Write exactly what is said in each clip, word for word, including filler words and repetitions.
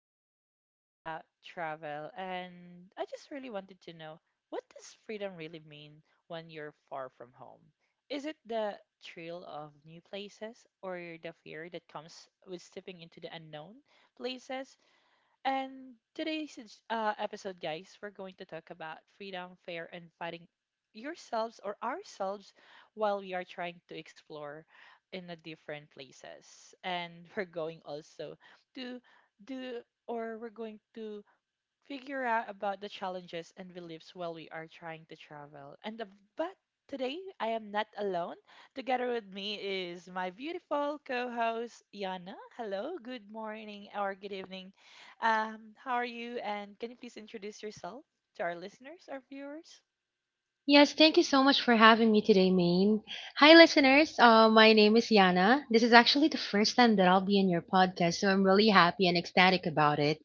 we're going to talk about travel. And I just really wanted to know, what does freedom really mean when you're far from home? Is it the thrill of new places or the fear that comes with stepping into the unknown places? And today's ej- uh, episode, guys, we're going to talk about freedom, fair, and fighting yourselves or ourselves while we are trying to explore in the different places. And we're going also to do, or we're going to figure out about the challenges and beliefs while we are trying to travel. And the, but today I am not alone. Together with me is my beautiful co-host Yana. Hello, good morning or good evening. Um, how are you? And can you please introduce yourself to our listeners, our viewers? Yes, thank you so much for having me today, Maine. Hi, listeners. Uh, my name is Yana. This is actually the first time that I'll be in your podcast, so I'm really happy and ecstatic about it.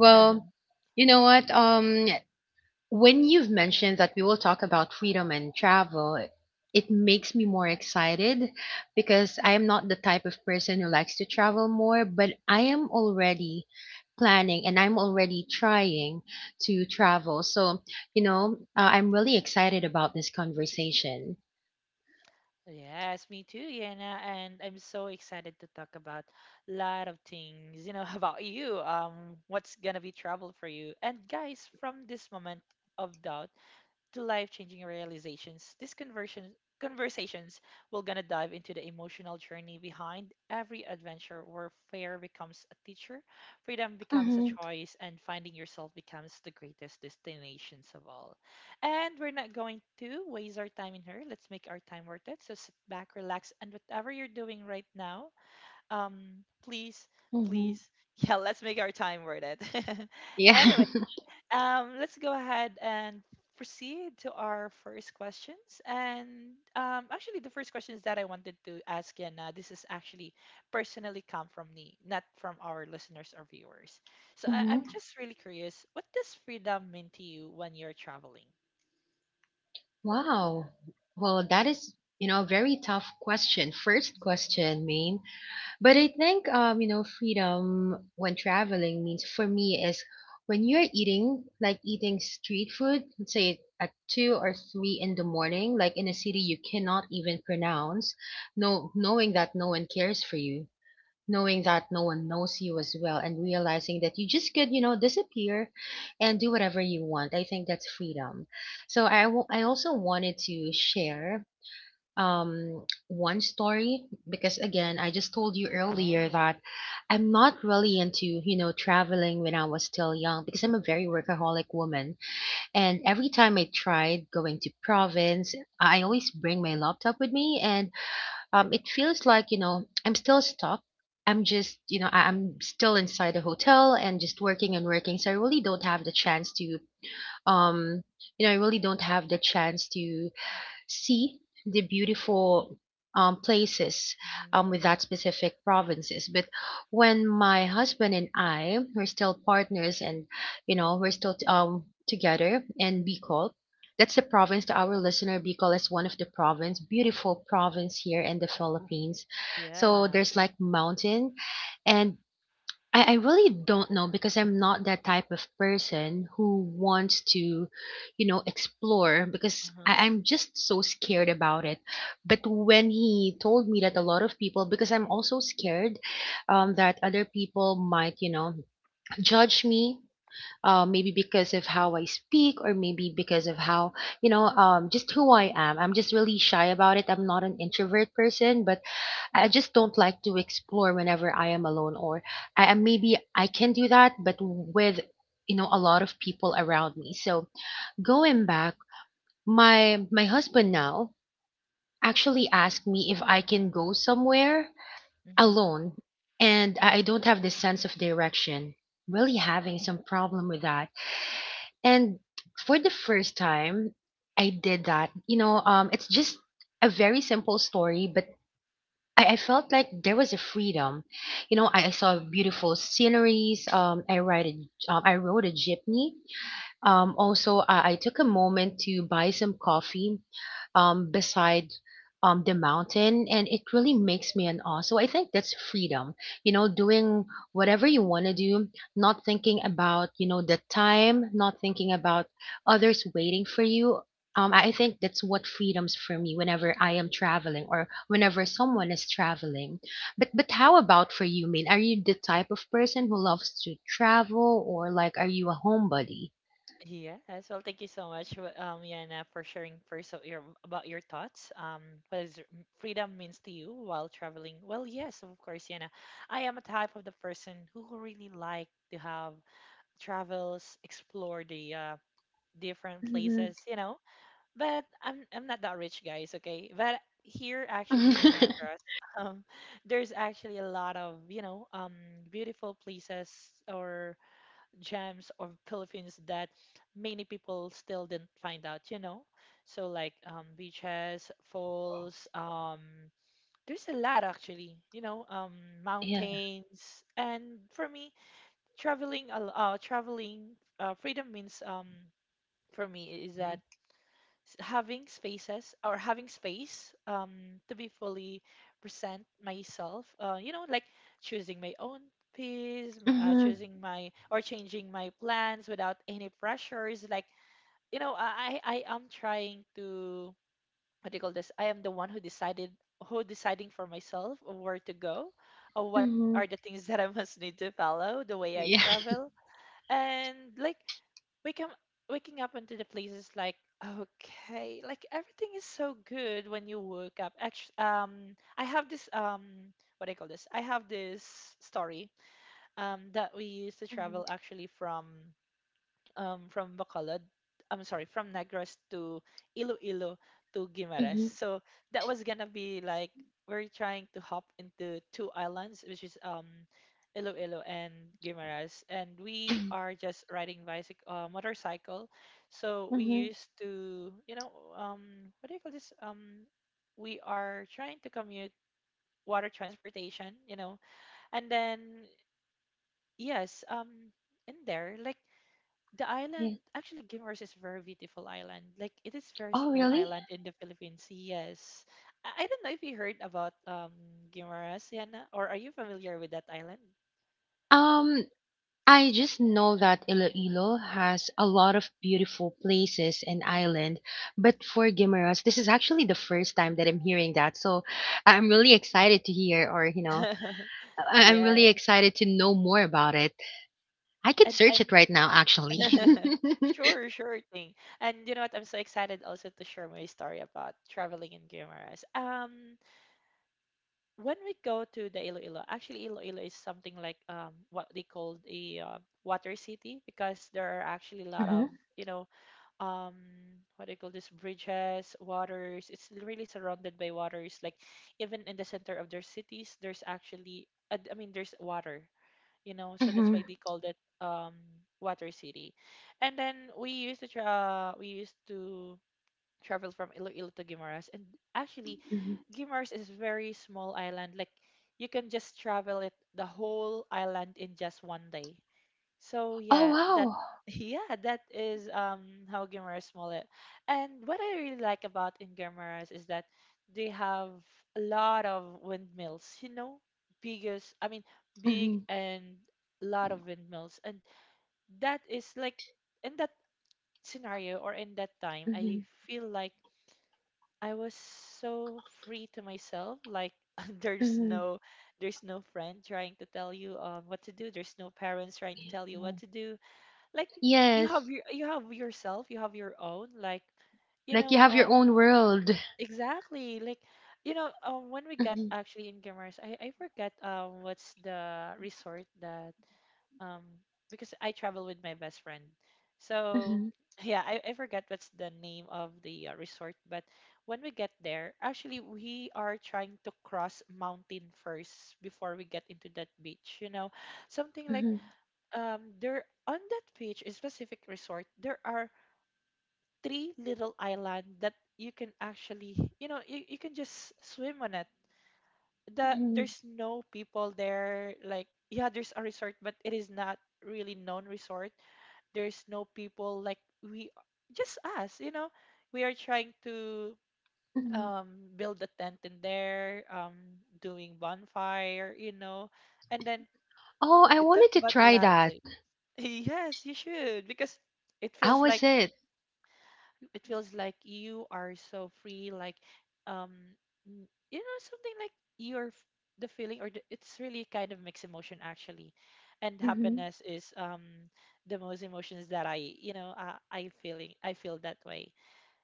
Well, you know what? Um, when you've mentioned that we will talk about freedom and travel, it makes me more excited because I am not the type of person who likes to travel more, but I am already planning and I'm already trying to travel. So, you know, uh, I'm really excited about this conversation. Yes, me too, Yana, and I'm so excited to talk about a lot of things, you know, about you, um, what's gonna be travel for you. And guys, from this moment of doubt to life-changing realizations, these conversion conversations will gonna dive into the emotional journey behind every adventure where fear becomes a teacher, freedom becomes a Mm-hmm, choice, and finding yourself becomes the greatest destinations of all. And we're not going to waste our time in here. Let's make our time worth it. So sit back, relax, and whatever you're doing right now, um, please, mm-hmm. please, yeah, let's make our time worth it. Yeah. Anyway. Um, let's go ahead and proceed to our first questions. And um, actually, the first questions that I wanted to ask, and uh, this is actually personally come from me, not from our listeners or viewers. So I- I'm Mm-hmm. just really curious, what does freedom mean to you when you're traveling? Wow. Well, that is, you know, a very tough question. First Mhm. question, mean. But I think, um, you know, freedom when traveling means for me is when you're eating, like eating street food, let's say at two or three in the morning, like in a city you cannot even pronounce, no, knowing that no one cares for you, knowing that no one knows you as well, and realizing that you just could, you know, disappear and do whatever you want. I think that's freedom. So I wa- I also wanted to share um one story because again, I just told you earlier Oh, that I'm not really into, you know, traveling when I was still young because I'm a very workaholic woman, and every time I tried going to province, I always bring my laptop with me, and um, it feels like, you know, I'm still stuck. I'm just you know I- I'm still inside a hotel and just working and working, so I really don't have the chance to um you know, I really don't have the chance to see the beautiful um, places hmm, um, with that specific provinces. But when my husband and I were still partners and you know, we're still um, together in Bicol, that's the province to our listener. Bicol is one of the province, beautiful province here in the Philippines. So yeah. there's like mountain, and I, I really don't know because I'm not that type of person who wants to, you know, explore because Uh-huh. I, I'm just so scared about it. But when he told me that a lot of people, because I'm also scared um, that other people might, you know, judge me. Uh, maybe because of how I speak, or maybe because of how, you know, um, just who I am. I'm just really shy about it. I'm not an introvert person, but I just don't like to explore whenever I am alone, or I, I- maybe I can do that, but with, you know, a lot of people around me. So going back, my my husband now actually asked me if I can go somewhere alone, and I I don't have this sense of direction. Really having some problem with that, and for the first time, I did that. You know, um, it's just a very simple story, but I, I felt like there was a freedom. You know, I, I saw beautiful sceneries. Um, I ride a, um, I rode a jeepney, um, also, I, I took a moment to buy some coffee um, beside um, the mountain, and it really makes me an awe. So I think that's freedom, you know, doing whatever you want to do, not thinking about, you know, the time, not thinking about others waiting for you. Um, I I think that's what freedoms for me whenever I am traveling or whenever someone is traveling. But but how about for you, Min? Are you the type of person who loves to travel, or like are you a homebody? Yes, well, thank you so much, w- um, Yana, for sharing first of your about your thoughts. Um, what is r- freedom means to you while traveling? Well, yes, of course, Yana. I am a type of the person who really like to have travels, explore the uh, different Mhm. places, you know. But I'm I'm not that rich, guys. Okay, but here actually in Negros, um, there's actually a lot of, you know, um beautiful places or gems of Philippines that many people still didn't find out, you know? So like, um, beaches, falls, um, there's a lot actually, you know, um, Yeah. mountains. And for me, traveling, al- uh, traveling, uh, freedom means, um, for me is that s- having spaces or having space um, to be fully present myself. Uh, you know, like choosing my own peace, m- uh, Mhm. choosing my or changing my plans without any pressures. Like, you know, I I I am trying to, what do you call this? I am the one who decided, who deciding for myself of where to go, or what are Mhm. the things that I must need to follow the way I Yeah. travel. And like, Wake up, waking up into the place is like okay, like everything is so good when you woke up. Actually, um, I have this um, what do you call this? I have this story um that we used to Mhm. travel actually from um, from Bacolod. I'm sorry, from Negros to Iloilo to Guimaras. Mhm. So that was gonna be like we're trying to hop into two islands, which is um Iloilo and Guimaras, and we are just riding bicycle, uh, motorcycle. So we Mhm. used to, you know, um, what do you call this? Um, we are trying to commute water transportation, you know, and then yes, um, in there like the Yeah. island, actually, Gimers is very beautiful island. Like it is very Oh, small really? island in the Philippines. Yes, I, I don't know if you heard about um Gimers, Yana, or are you familiar with that island? Um, I just know that Iloilo has a lot of beautiful places and Hmm. island, but for Guimaras, this is actually the first time that I'm hearing that. So I'm really excited to hear, or you know, I- I'm really Yes, excited to know more about it. I could and search it I'm right now, actually. sure, sure thing. And you know what? I'm so excited also to share my story about traveling in Guimaras. Um, when we go to the Iloilo, actually Iloilo is something like um what they call a uh, water city, because there are actually a lot Mhm. of, you know, um what do you call this, bridges, waters. It's really surrounded by waters, like even in the center of their cities there's actually uh, I mean, there's water, you know, so that's Mhm. why they called it um water city. And then we used to tra- we used to travel from Iloilo to Guimaras, and actually Mhm. Guimaras is very small island, like you can just travel it the whole island in just one day. So Oh yeah, that wow. yeah, that is um how Guimarães it. And what I really like about in Guimarães is that they have a lot of windmills, you know, biggest, I mean, big Mhm. and a lot of windmills. And that is like, in that scenario or in that time, I Mhm. feel like I was so free to myself, like there's Mhm. no, there's no friend trying to tell you um what to do, there's no parents trying to tell you what Mhm. to do. Like you have Yes, your, you have yourself, you have your own, like, you like you know, have your um own world. exactly like, you know, um when we got Mhm, actually in Gamars, I I forget um what's the resort that, um because I travel with my best friend, so mhm, yeah, I, I forget what's the name of the uh, resort. But when we get there, actually we are trying to cross mountain first before we get into that beach, you know, something like, mhm, um there on that beach, a specific resort, there are three little island that you can actually, you know, you, you can just swim on it. The, mhm, there's no people there, like yeah, there's a resort, but it is not really known resort. There's no people, like we just us, you know. We are trying to mhm. um build a tent in there, um doing bonfire, you know, and then Oh, I we talk wanted to about a try lot of that. things. Yes, you should, because it How feels was like, it? it feels like you are so free, like um, n- you know, something like you're f- the feeling or the, it's really kind of mixed emotion actually, and Mm-hmm. happiness is um the most emotions that I, you know, I, I feeling I feel that way.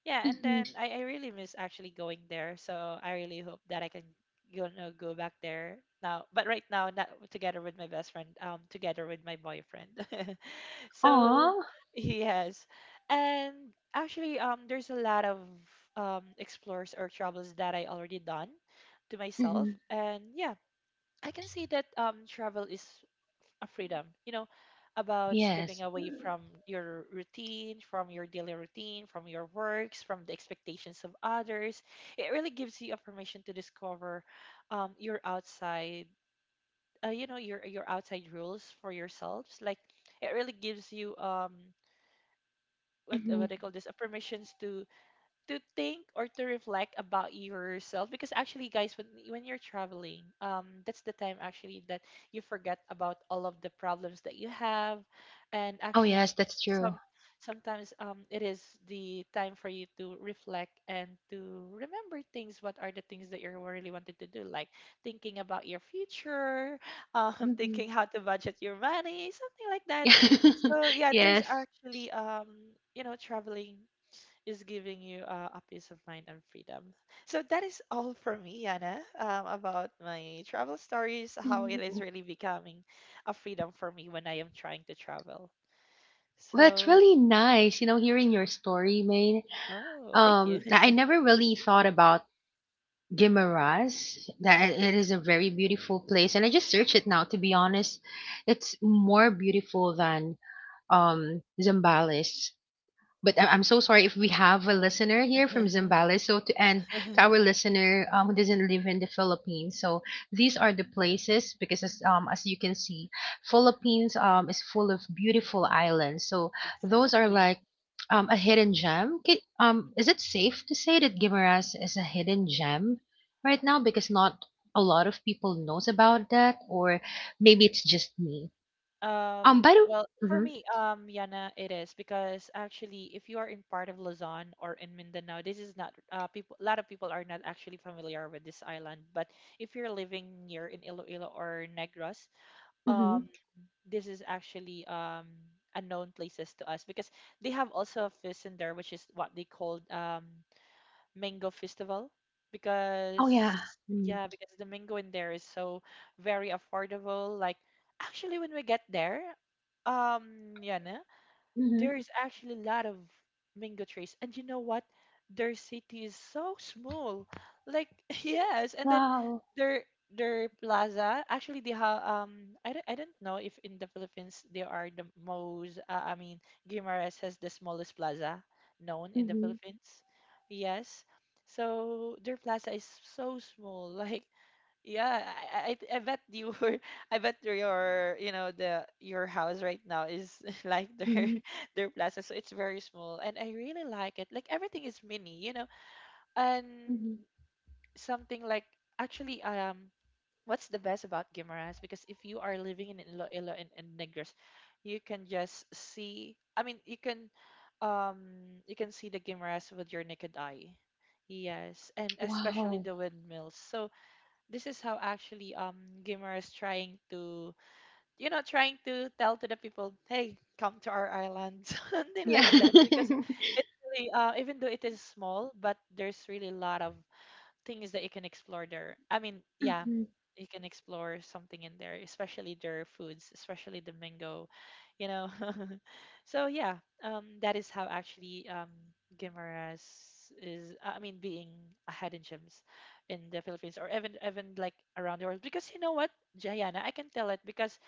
Yeah, and Mm-hmm. then I, I really miss actually going there. So I really hope that I can, you know, go back there now. But right now, not together with my best friend, um, together with my boyfriend. So Aw. yes, and actually, um, there's a lot of um explores or travels that I already done to myself, Mm-hmm. and yeah, I can see that um travel is a freedom, you know, about Yes. stepping away from your routine, from your daily routine, from your works, from the expectations of others. It really gives you a permission to discover um, your outside, uh, you know, your your outside rules for yourselves. Like it really gives you um what Mm-hmm. what I call this, a permissions to to think or to reflect about yourself, because actually guys, when when you're traveling, um that's the time actually that you forget about all of the problems that you have. And Oh, actually yes, that's some true. sometimes, um it is the time for you to reflect and to remember things, what are the things that you're really wanted to do, like thinking about your future, um Mm-hmm. thinking how to budget your money, something like that. So yeah, there's Yes. actually, um you know, traveling is giving you uh, a peace of mind and freedom. So that is all for me, Yana, um, about my travel stories, how it Mhm. is really becoming a freedom for me when I am trying to travel. Well, it's So, really nice, you know, hearing your story, Maine. oh, thank you. Um, I I never really thought about Guimaras. That it is a very beautiful place, and I just searched it now. To be honest, it's more beautiful than um Zambales. But I- I'm so sorry if we have a listener here from Zambales. So to and to our listener um, who doesn't live in the Philippines, so these are the places because as um as you can see, Philippines um is full of beautiful islands. So those are Exactly. like um a hidden gem. Ki- Um, is it safe to say that Guimaras is a hidden gem right now because not a lot of people knows about that, or maybe it's just me. Um, Um, by the well, for Mm-hmm, me, um, Yana, it is because actually, if you are in part of Luzon or in Mindanao, this is not uh, people. A lot of people are not actually familiar with this island. But if you're living near in Iloilo or Negros, mm-hmm. um this is actually um unknown places to us, because they have also a feast in there, which is what they called um mango festival, Oh because yeah, mm-hmm. yeah, because the mango in there is so very affordable. Like actually when we get there, um yeah, Mm-hmm. there's actually a lot of mango trees. And you know what? Their city is so small. Like yes, and then Wow. their their plaza, actually they have um I don't, I don't know if in the Philippines they are the most uh, I mean, Guimaras has the smallest plaza known in the Mhm. Philippines. Yes. So their plaza is so small. Like yeah, I, I I bet you were, I bet your you know, the your house right now is like their Mhm. their plaza, so it's very small, and I really like it. Like everything is mini, you know, Mhm. and something like actually um, what's the best about Guimaras? Because if you are living in Iloilo and, and Negros, you can just see. I mean, you can um you can see the Guimaras with your naked eye. Yes, and especially Wow. the windmills. So this is how actually um gamer is trying to you know trying to tell to the people, hey, come to our island. Something Yeah. like that, because it's really uh, even though it is small, but there's really a lot of things that you can explore there. I mean, yeah, Mhm. you can explore something in there, especially their foods, especially the mango, you know. So yeah, um, that is how actually um, Guimaras is. I mean, being a hidden gems in the Philippines or even even like around the world. Because you know what, Jayana, I can tell it because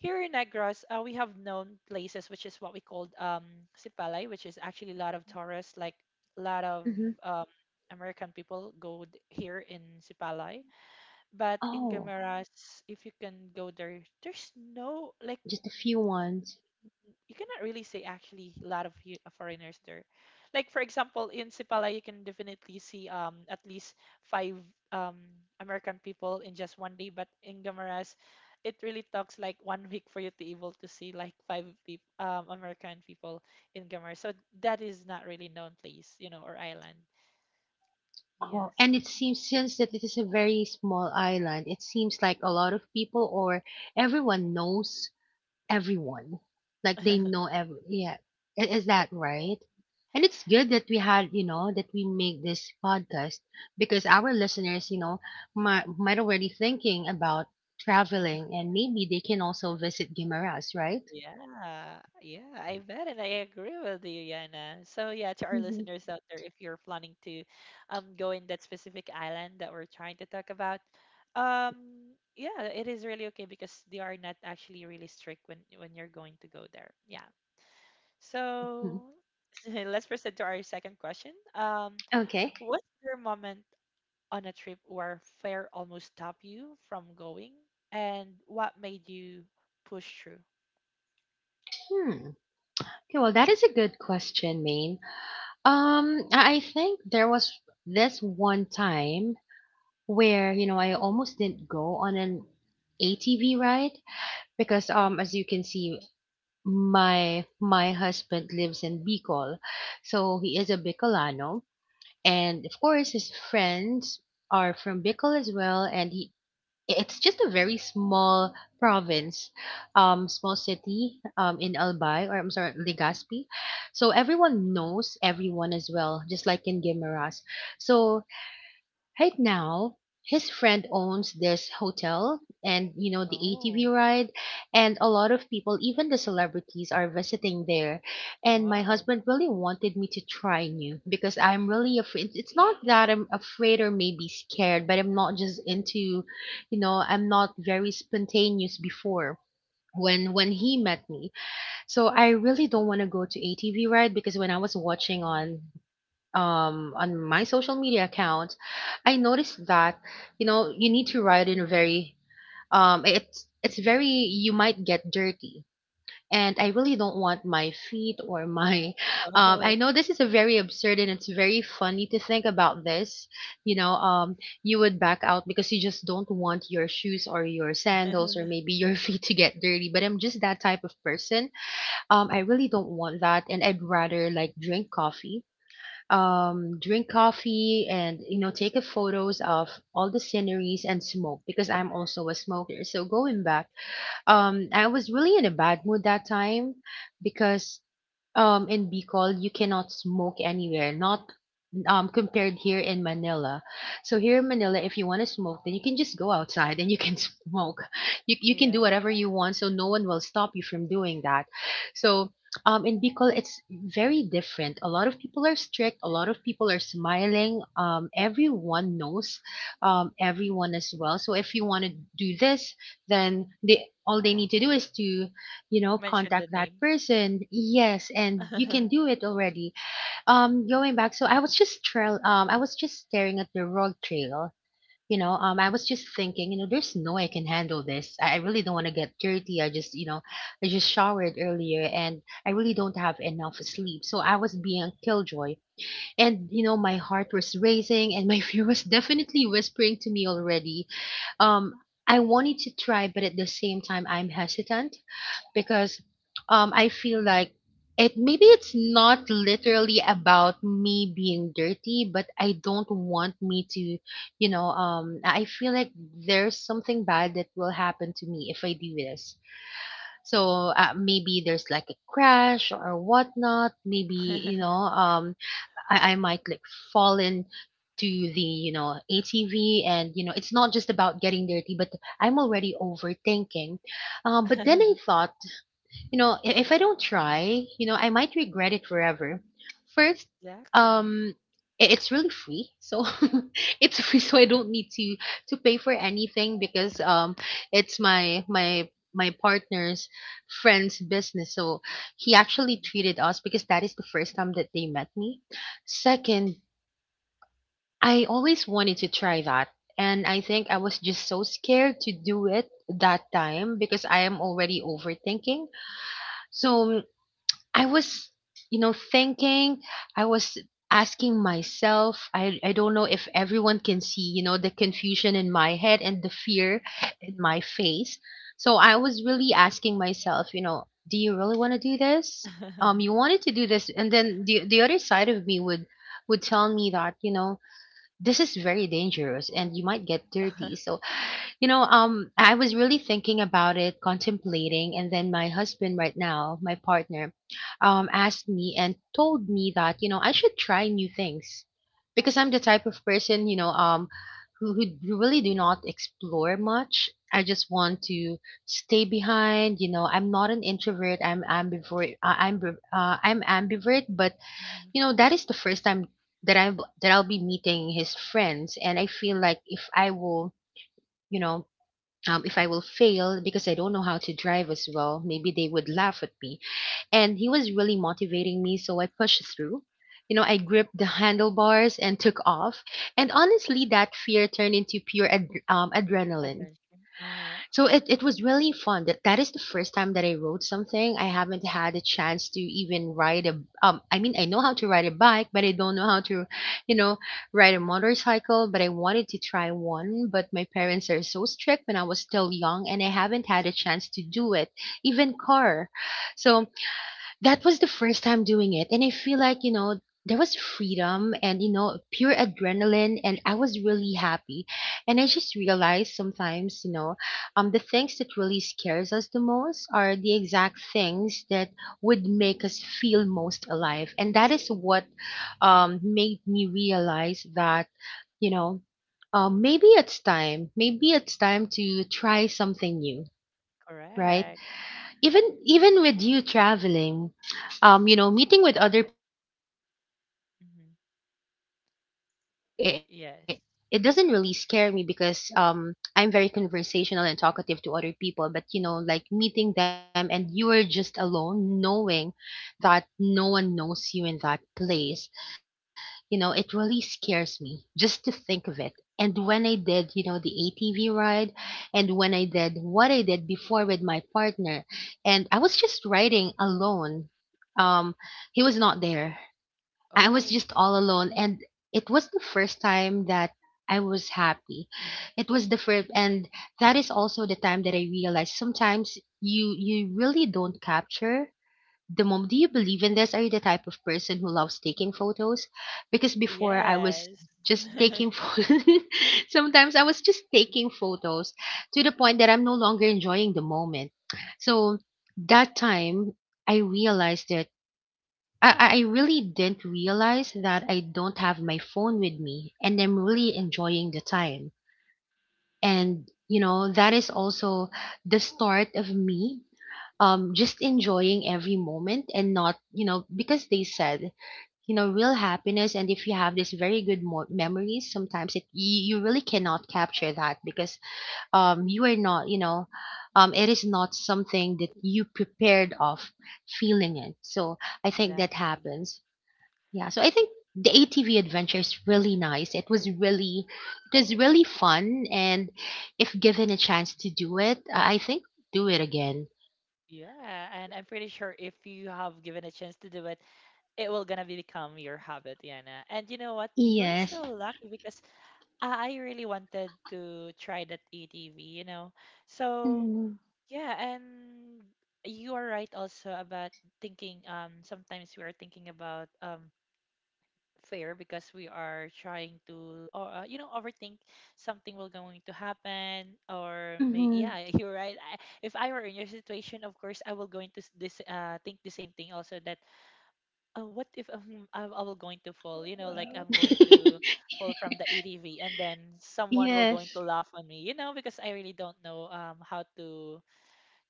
here in Negros, uh, we have known places, which is what we called um, Sipalay, which is actually a lot of tourists, like a lot of Mhm. um, American people go th- here in Sipalay. But in Oh, Gameras, if you can go there, there's no like just a few ones. you cannot really say actually a lot of eu- uh, foreigners there. Like for example, in Sipala, you can definitely see um at least five um American people in just one day, but in Gamaras, it really talks like one week for you to able to see like five people um American people in Gamaras. So that is not really known place, you know, or island. Oh, Yes. and it seems since that it is a very small island, it seems like a lot of people or everyone knows everyone. Like they know every, yeah. I- Is that right? And it's good that we had, you know, that we make this podcast because our listeners, you know, might might already thinking about traveling, and maybe they can also visit Guimaras, right? Yeah, yeah, I bet it. I agree with you, Yana. So yeah, to our Mm-hmm. listeners out there, if you're planning to um go in that specific island that we're trying to talk about, um yeah, it is really okay because they are not actually really strict when when you're going to go there. Yeah. So let's proceed to our second question. Um, Okay. What's your moment on a trip where fear almost stopped you from going, and what made you push through? Hmm. Okay, well, that is a good question, Maine. Um, I I think there was this one time where, you know, I almost didn't go on an A T V ride because um, as Hmm. you can see, my my husband lives in Bicol, so he is a Bicolano, and of course his friends are from Bicol as well, and he, it's just a very small province, um, small city, um, in Albay, or I'm sorry, Legazpi. So everyone knows everyone as well, just like in Guimaras. So right now, his friend owns this hotel and you know, the A T V Oh. ride, and a lot of people, even the celebrities are visiting there. And my Wow. husband really wanted me to try new because I'm really afraid. It's not that I'm afraid or maybe scared, but I'm not just into, you know, I'm not very spontaneous before when when he met me. So I really don't want to go to A T V ride because when I was watching on Hmm. um, on my social media account, I noticed that you know, you need to ride in a very um, it's it's very, you might get dirty, and I really don't want my feet or my um, Oh. I know this is a very absurd and it's very funny to think about this. You know, um, you would back out because you just don't want your shoes or your sandals or maybe your feet to get dirty. But I'm just that type of person. Um, I really don't want that, and I'd rather like drink coffee um, drink coffee and you know, take a photos of all the sceneries and smoke because I'm also a smoker. So going back, um, I was really in a bad mood that time because um, in Bicol you cannot smoke anywhere, not um, compared here in Manila. So here in Manila, if you want to smoke, then you can just go outside and you can smoke. You, you can do Yeah. whatever you want, so no one will stop you from doing that. So um, in Bicol, it's very different. A lot of people are strict. A lot of people are smiling. Um, everyone knows um, everyone as well. So if you want to do this, then they all they need to do is to, you know, Mention the contact that name. person. Yes, and you can do it already, um, going back, so I was just trail, um, I was just staring at the road trail. You know, Hmm. um, I was just thinking, you know, there's no way I can handle this. I I really don't want to get dirty. I just, you know, I just showered earlier and I really don't have enough sleep. So I was being a killjoy. And, you know, my heart was racing and my fear was definitely whispering to me already. Um, I wanted to try, but at the same time, I'm hesitant because um I feel like it, maybe it's not literally about me being dirty, but I don't want me to, you know, um I feel like there's something bad that will happen to me if I do this. So uh, maybe there's like a crash or whatnot. Maybe you know, um I, I might like fall in to the you know A T V. And you know it's not just about getting dirty, but I'm already overthinking. Um, but then I thought, you know, i- if I don't try, you know, I might regret it forever. First, Exactly. um, i- it's really free, so it's free, so I don't need to to pay for anything because um, it's my my my partner's friend's business. So he actually treated Mhm. us because that is the first time that they met me. Second, I always wanted to try that. And I think I was just so scared to do it that time because I am already overthinking. So I was, you know, thinking, I was asking myself, I, I don't know if everyone can see, you know, the confusion in my head and the fear in my face. So I was really asking myself, you know, do you really want to do this? Um, you wanted to do this, and then the the other side of me would would tell me that, you know, this is very dangerous and you might get dirty. So you know, um, I was really thinking about it, contemplating, and then my husband right now, my partner, um, asked me and told me that, you know, I should try new things because I'm the type of person, you know, um, who, who really do not explore much. I just want to stay behind. You know, I'm not an introvert. I'm ambivert. Uh, I'm ambiv- uh, I'm ambivert, but Hmm. you know, that is the first time that I that I'll be meeting his friends, and I feel like if I will, you know um, if I will fail because I don't know how to drive as well, maybe they would laugh at me. And he was really motivating me, so I pushed through. You know, I gripped the handlebars and took off. And honestly, that fear turned into pure ad- um, adrenaline. Adventure. Uh, So it, it was really fun. That that is the first time that I rode something. I haven't had a chance to even ride a um I mean I know how to ride a bike, but I don't know how to, you know, ride a motorcycle, but I wanted to try one, but my parents are so strict when I was still young and I haven't had a chance to do it. Even car. So that was the first time doing it, and I feel like you know there was freedom and you know pure adrenaline, and I was really happy. And I just realized sometimes you know um the things that really scares us the most are the exact things that would make us feel most alive. And that is what um made me realize that you know um, maybe it's time, maybe it's time to try something new, right? correct. Even even with you traveling, um you know, meeting with other people's, uh meeting with Hmm. other people, I'm sorry. Before it, it Yes. doesn't really scare me because um I'm very conversational and talkative to other people. But you know, like meeting them and you are just alone, knowing that no one knows you in that place, you know, it really scares me just to think of it. And when I did, you know, the A T V ride, and when I did what I did before with my partner, and I was just riding alone. Um, he was not there. I was Oh, just all alone, and it was the first time that I was happy. It was the first, and that is also the time that I realized sometimes you you really don't capture the mom. Do you believe in this? Are you the type of person who loves taking photos? Because before I was yes. just taking photos. Sometimes I was just taking photos to the point that I'm no longer enjoying the moment. So that time I realized that I, I I really didn't realize that I don't have my phone with me and I'm really enjoying the time. And you know, that is also the start of me um just enjoying every moment, and not, you know, because they said, you know, real happiness, and if you have this very good mo- memories, sometimes it you, you really cannot capture that because um you are not, you know, um it is not something that you prepared of feeling it. So I think that Exactly. happens. Yeah, so I Y- think the A T V adventure is really nice. It was really, it was really fun. And if given a chance to do it, I think do it again. Yeah, and I'm pretty sure if you have given a chance to do it, it will gonna be become your habit, Yana. And you know what? You're Yes. so lucky because I I really wanted to try that A T V, you know. So Mm-hmm. yeah, and you are right also about thinking, um sometimes we are thinking about um fear because we are trying to or uh, you know, overthink something will going to happen, or maybe, yeah, you're right. I, if I were in your situation, of course I will going to s- this uh think the same thing also, that uh, what if, um, I, I will going to fall, you know, like I'm going to fall from the A T V and then someone will going Yes. to laugh on me, you know, because I really don't know um how to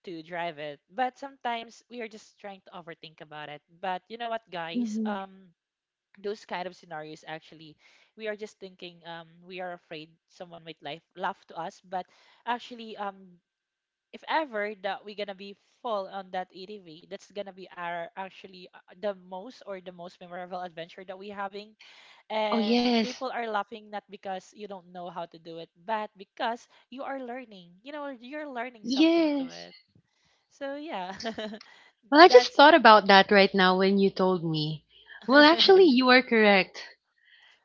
to drive it. But sometimes we are just trying to overthink about it. But you know what, guys? Hmm. Um, those kind of scenarios actually, we are just thinking, um we are afraid someone might laugh laugh to us. But actually, um, if ever that we're gonna be full on that A T V, that's gonna be our actually uh, the most or the most memorable adventure that we're having. Oh And yes. people are laughing not because you don't know how to do it, but because you are learning. You know, you're learning something to Yes. it. So yeah, Well, I just that's thought about that right now when you told me. Well, actually you are correct.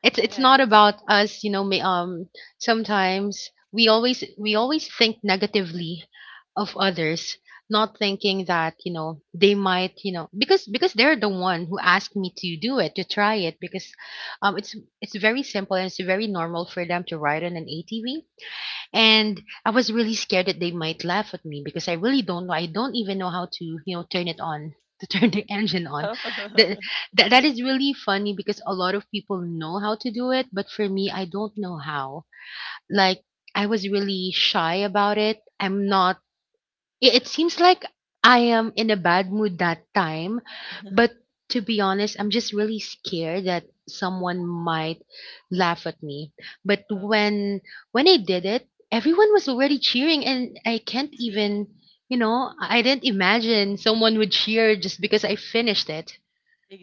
it's it's not yes. about us, you know. Ma- um sometimes we always we always think negatively of Mhm. others, not thinking that, you know, they might, you know, because because they're the one who asked me to do it, to try it, because um it's it's very simple and it's very normal for them to ride on an ATV. And I was really scared that they might laugh at me because I really don't know. I don't even know how to, you know, turn it on, to turn the engine on. That, Oh, that, that is really funny because a lot of people know how to do it, but for me, I don't know how. Like, I was really shy about it. I'm not, i- it seems like I am in a bad mood that time, but to be honest, I'm just really scared that someone might laugh at me. But oh, when when I did it, everyone was already cheering and I can't see, even, you know, I didn't imagine someone would cheer just because I finished it.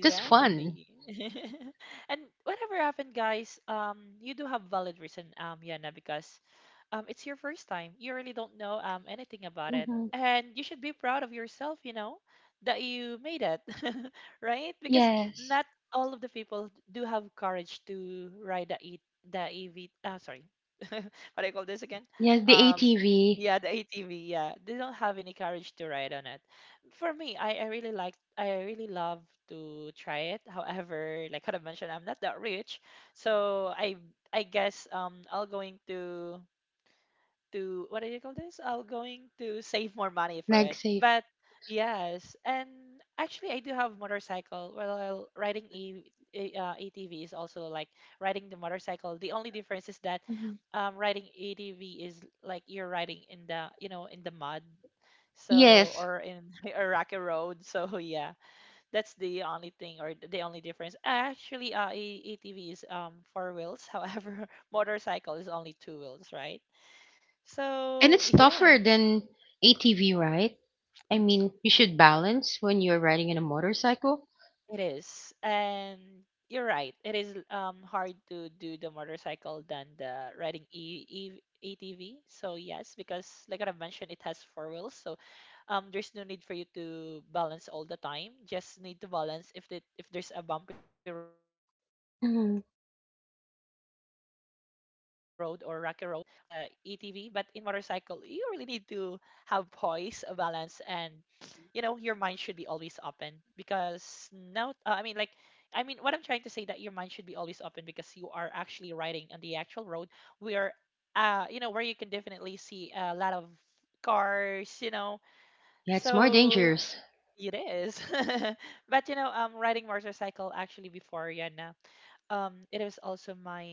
Just fun. And whatever happened, guys, um, you do have valid reason, um, Yana, because um, it's your first time. You really don't know um, anything about it. Hmm. And you should be proud of yourself, you know, that you made it, right? Because Yes. not all of the people do have courage to ride the, e- the E V, uh, sorry, what do you call this again? Yes, the Um, A T V, yeah, the A T V, yeah. They don't have any courage to ride on it. For me, I, I really like, I really love to try it. However, like what I mentioned, I'm not that rich. So I I guess um I'll going to to what do you call this? I'll going to save more money for like it. safe. But yes, and actually I do have motorcycle. Well, riding e, a- uh, A T V is also like riding the motorcycle. The only difference is that Mhm. um, riding A T V is like you're riding in the, you know, in the mud. So Yes. or in a rocky road. So yeah, that's the only thing or the only difference. Actually, uh, a- ATV is um four wheels. However, motorcycle is only two wheels, right? And So it's yeah, tougher than A T V, right? I mean, you should balance when you're riding in a motorcycle. it is, and you're right. It is um hard to do the motorcycle than the riding e- e- A T V. So yes, because like what I mentioned, it has four wheels, so um there's no need for you to balance all the time. Just need to balance if the if there's a bumpy road or rocky road for Mhm. the A T V. But in motorcycle, you really need to have poise, a balance, and you know your mind should be always open because now uh, I mean like I mean, what I'm trying to say, that your mind should be always open because you are actually riding on the actual road where uh you know where you can definitely see a lot of cars, you know, Yeah, it's more so dangerous. it is. But you know, um riding motorcycle, actually, before, yeah, no, um it was also my,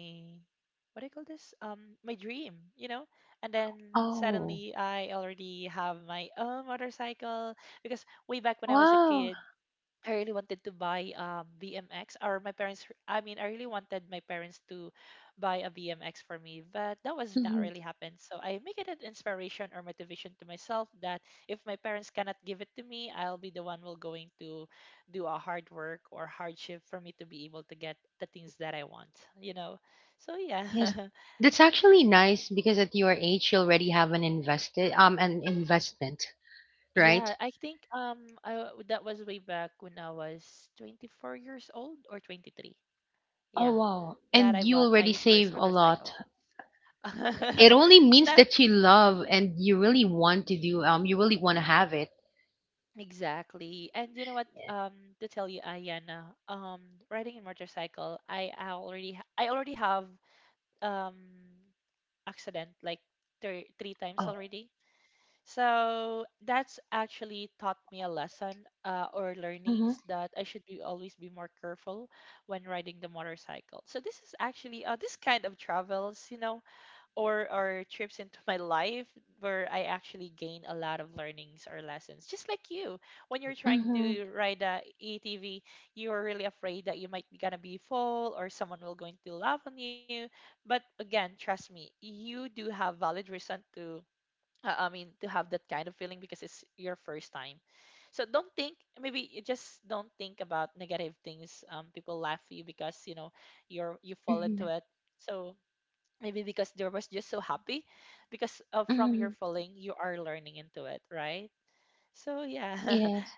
what do you call this, um my dream, you know, and then Oh, suddenly I already have my own motorcycle. Because way back when I was a wow. kid, I really wanted to buy um, B M X, or my parents, I mean I really wanted my parents to buy a B M X for me, but that was not Mhm. really happened. So I make it an inspiration or motivation to myself that if my parents cannot give it to me, I'll be the one will going to do a hard work or hardship for me to be able to get the things that I want, you know. So yeah, Yes, that's actually nice because at your age you already have an invested um an investment, right? yeah, I think um I, that was way back when I was twenty-four years old or twenty-three. Yeah, Oh wow. that I And you bought already my first save a motorcycle. lot. It only means Not that you love and you really want to do um you really want to have it. exactly. And you know what? Um, to tell you, Ayana, um, riding a motorcycle, I, I already ha- I already have um accident like three three times Oh. already. So that's actually taught me a lesson uh, or Mhm. learnings that I should be always be more careful when riding the motorcycle. So this is actually uh, this kind of travels, you know, or or trips into my life where I actually gain a lot of learnings or lessons. Just like you, when you're trying Mhm. to ride a ATV, you are really afraid that you might be gonna be fall or someone will going to laugh on you. But again, trust me, you do have valid reason to. Uh, I mean, to have that kind of feeling because it's your first time. So don't think, maybe you just don't think about negative things. Um, people laugh at you because you know you're you fall into Mhm. it. So maybe because there was just so happy because uh, from your Mhm. falling you are learning into it, right? So yeah, Yes.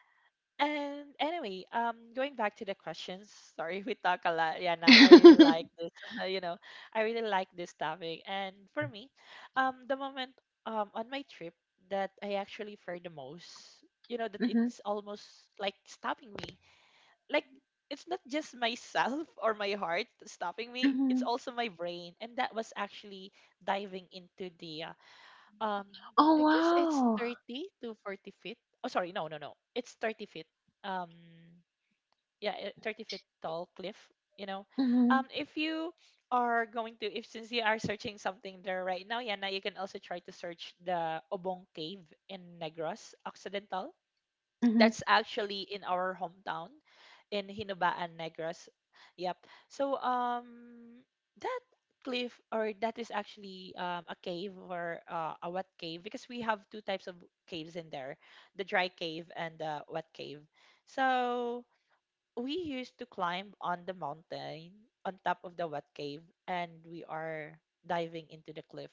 and anyway, um going back to the questions, sorry, we talk a lot, Yana. I really like this, you know, I really like this topic. And for me, um the moment um on my trip that I actually fear the most, you know, that Mhm, it's almost like stopping me, like it's not just myself or my heart stopping me, it's mhm. also my brain. And that was actually diving into the uh, um I Oh, guess it's wow. thirty to forty feet. Oh, sorry, no, no, no, it's thirty feet. Um, yeah, eh, thirty feet tall cliff, you know. Mhm, Um, if you are going to, if since you are searching something there right now, Yana, you can also try to search the Obong Cave in Negros Occidental. mhm, That's actually in our hometown in Hinubaan Negros. Yep. So um that cliff, or that is actually um, a cave, or uh, a wet cave, because we have two types of caves in there, the dry cave and the wet cave. So we used to climb on the mountain on top of the wet cave and we are diving into the cliff.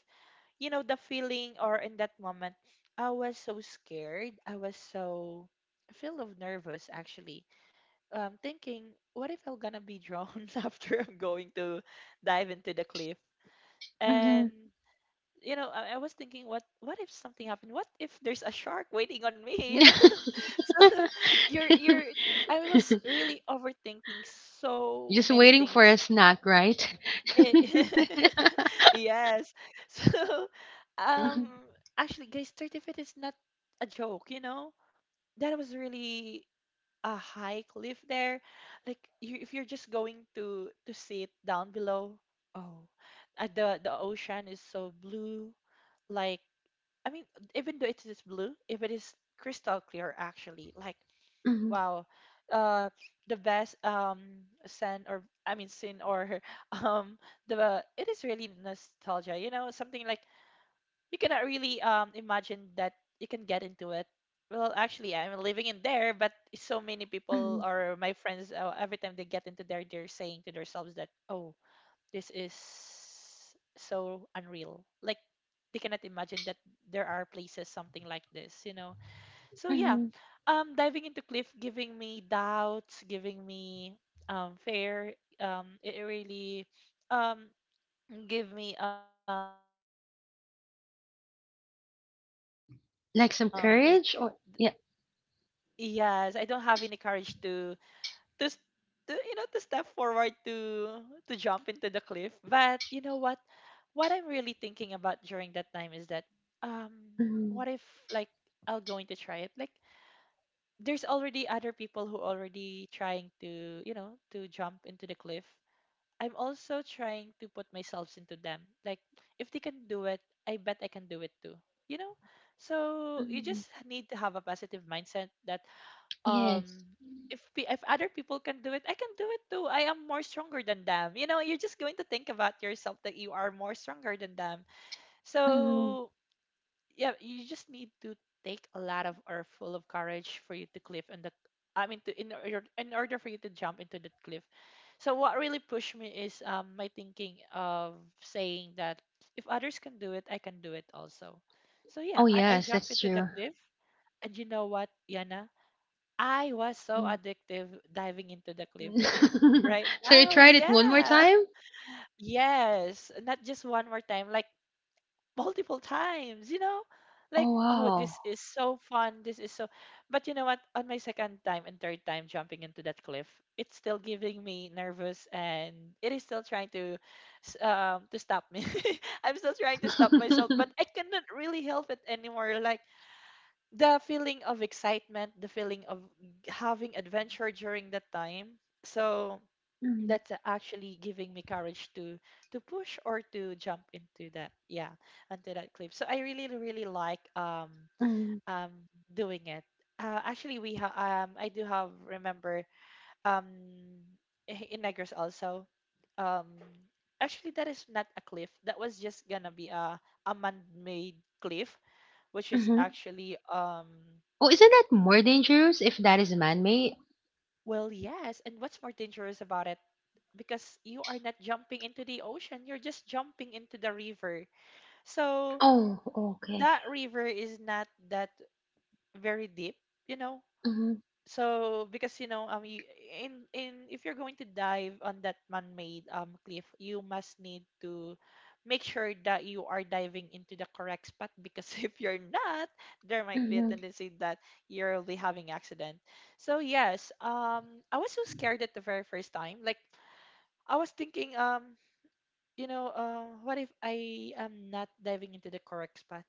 You know, the feeling or in that moment, I was so scared. I was so full of nervous actually, um thinking what if I'm gonna be drowned after I'm going to dive into the cliff. And mhm. you know, I, I was thinking what what if something happened, what if there's a shark waiting on me? You know? So, you're you're I was really overthinking so Just many waiting for things. a snack, right? Eh, yes. So, um, actually, guys, thirty feet is not a joke, you know? That was really a high cliff there. Like, you, if you're just going to to sit down below, oh, uh, the the ocean is so blue. Like, I mean, even though it is blue, if it is crystal clear, actually, like, Mhm, mhm, wow, uh, the best um scent, or I mean, scene, or um the it is really nostalgia. You know, something like you cannot really um imagine that you can get into it. Well, actually, I'm living in there, but so many people mhm, or my friends, uh, every time they get into there, they're saying to themselves that, "Oh, this is so unreal." Like they cannot imagine that there are places something like this, you know. So yeah, mhm. um, diving into cliff, giving me doubts, giving me um fear. Um, it it really um give me um something that I don't want to do it. But what really pushed me Like there some is that courage or yeah. yes, I don't have any courage to to, s- to, you know, to step forward to to jump into the cliff. But you know what? What I'm really thinking about during that time is that um Mhm, what if, like, I'll going to try it. Like, there's already other people who already trying to, you know, to jump into the cliff. I'm also trying to put myself into them. Like, if they can do it, I bet I can do it too. You know? So you mhm. just need to have a positive mindset that Yes. um if pe- if other people can do it, I can do it too. I am more stronger than them. You know, you're just going to think about yourself that you are more stronger than them. Mhm. So yeah, you just need to take a lot of or full of courage for you to cliff and the I mean to in order in order for you to jump into the cliff. So what really pushed me is um my thinking of saying that if others can do it, I can do it also. So yeah, Oh, I, I yes, jumped that's into the true. cliff. And you know what, Yana? I was so Mm. addictive diving into the cliff. Right? So you Oh tried it one more yeah. time? Yes, not just one more time. Like multiple times, you know? Like, Oh, oh, wow. this is so fun. This is so. But you know what? On my second time and third time jumping into that cliff, it's still giving me nervous and it is still trying to s- um to stop me. I'm still trying to stop myself, but I cannot really help it anymore. Like the feeling of excitement, the feeling of having adventure during that time. So Mhm, that's actually giving me courage to to push or to jump into that, yeah, into that cliff. So I really really like um mhm, um doing it. uh, actually, we have um I do have remember um in Negros also. um actually that is not a cliff. That was just gonna be a a man-made cliff, which is mhm. actually um Oh, isn't that more dangerous if that is man-made? well yes. And what's more dangerous about it because you are not jumping into the ocean, you're just jumping into the river. So Oh, okay. that river is not that very deep, you know. Mm-hmm, So because you know, um, you, in in if you're going to dive on that man-made um cliff, you must need to make sure that you are diving into the correct spot because if you're not, there might be a mm-hmm, tendency that you'll be having accident. So yes, um, I was so scared at the very first time. Like I was thinking, um, you know, uh, what if I am not diving into the correct spot?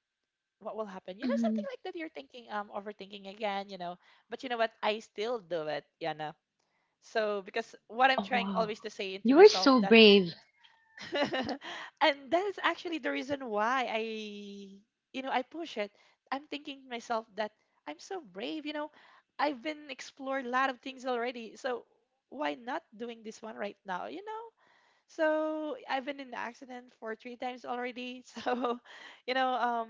What will happen? You know, mm-hmm. something like that. You're thinking, um, overthinking again, you know. But you know what? I still do it, Yana. So because what I'm Oh, trying wow. always to say into You are myself so that, brave. and that is actually the reason why I, you know, I push it. I'm thinking to myself that I'm so brave. You know, I've been explored a lot of things already. So why not doing this one right now? You know, so I've been in an accident for three times already. So, you know, um,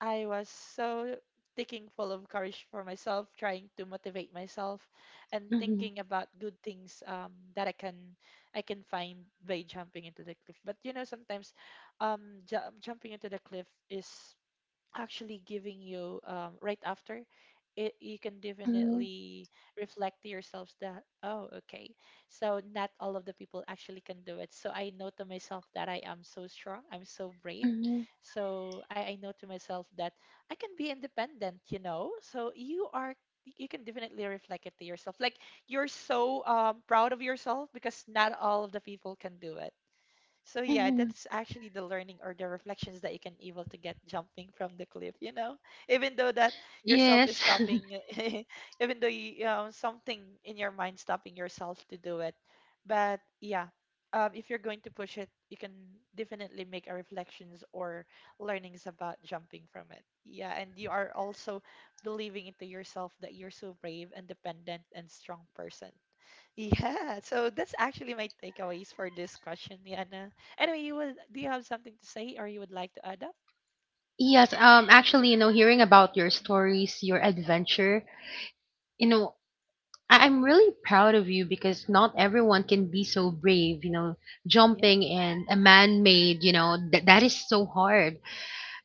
I was so thinking full of courage for myself, trying to motivate myself, and Mm-hmm, thinking about good things, um, that I can I can find by jumping into the cliff. But you know, sometimes um, ju- jumping into the cliff is actually giving you, um, right after it, you can mm-hmm, definitely reflect to yourselves that oh okay, so not all of the people actually can do it. So I know to myself that I am so strong, I'm so brave. mm-hmm, So i, I know to myself that I can be independent, you know. So you are you can definitely reflect it to yourself, like you're so, um, proud of yourself because not all of the people can do it. So yeah, mm-hmm. that's actually the learning or the reflections that you can able to get jumping from the cliff, you know? Even though that yourself is Yes. stopping, even though you, um, something in your mind stopping yourself to do it. But yeah, um, if you're going to push it, you can definitely make a reflections or learnings about jumping from it. Yeah, and you are also believing into yourself that you're so brave, independent, and strong person. Yeah, so that's actually my takeaways for this question, Yana. Anyway, you would do you have something to say or you would like to add up? Yes, um, actually, you know, hearing about your stories, your adventure, you know, I- I'm really proud of you because not everyone can be so brave, you know, Yeah. jumping and a man-made, you know, th- that is so hard.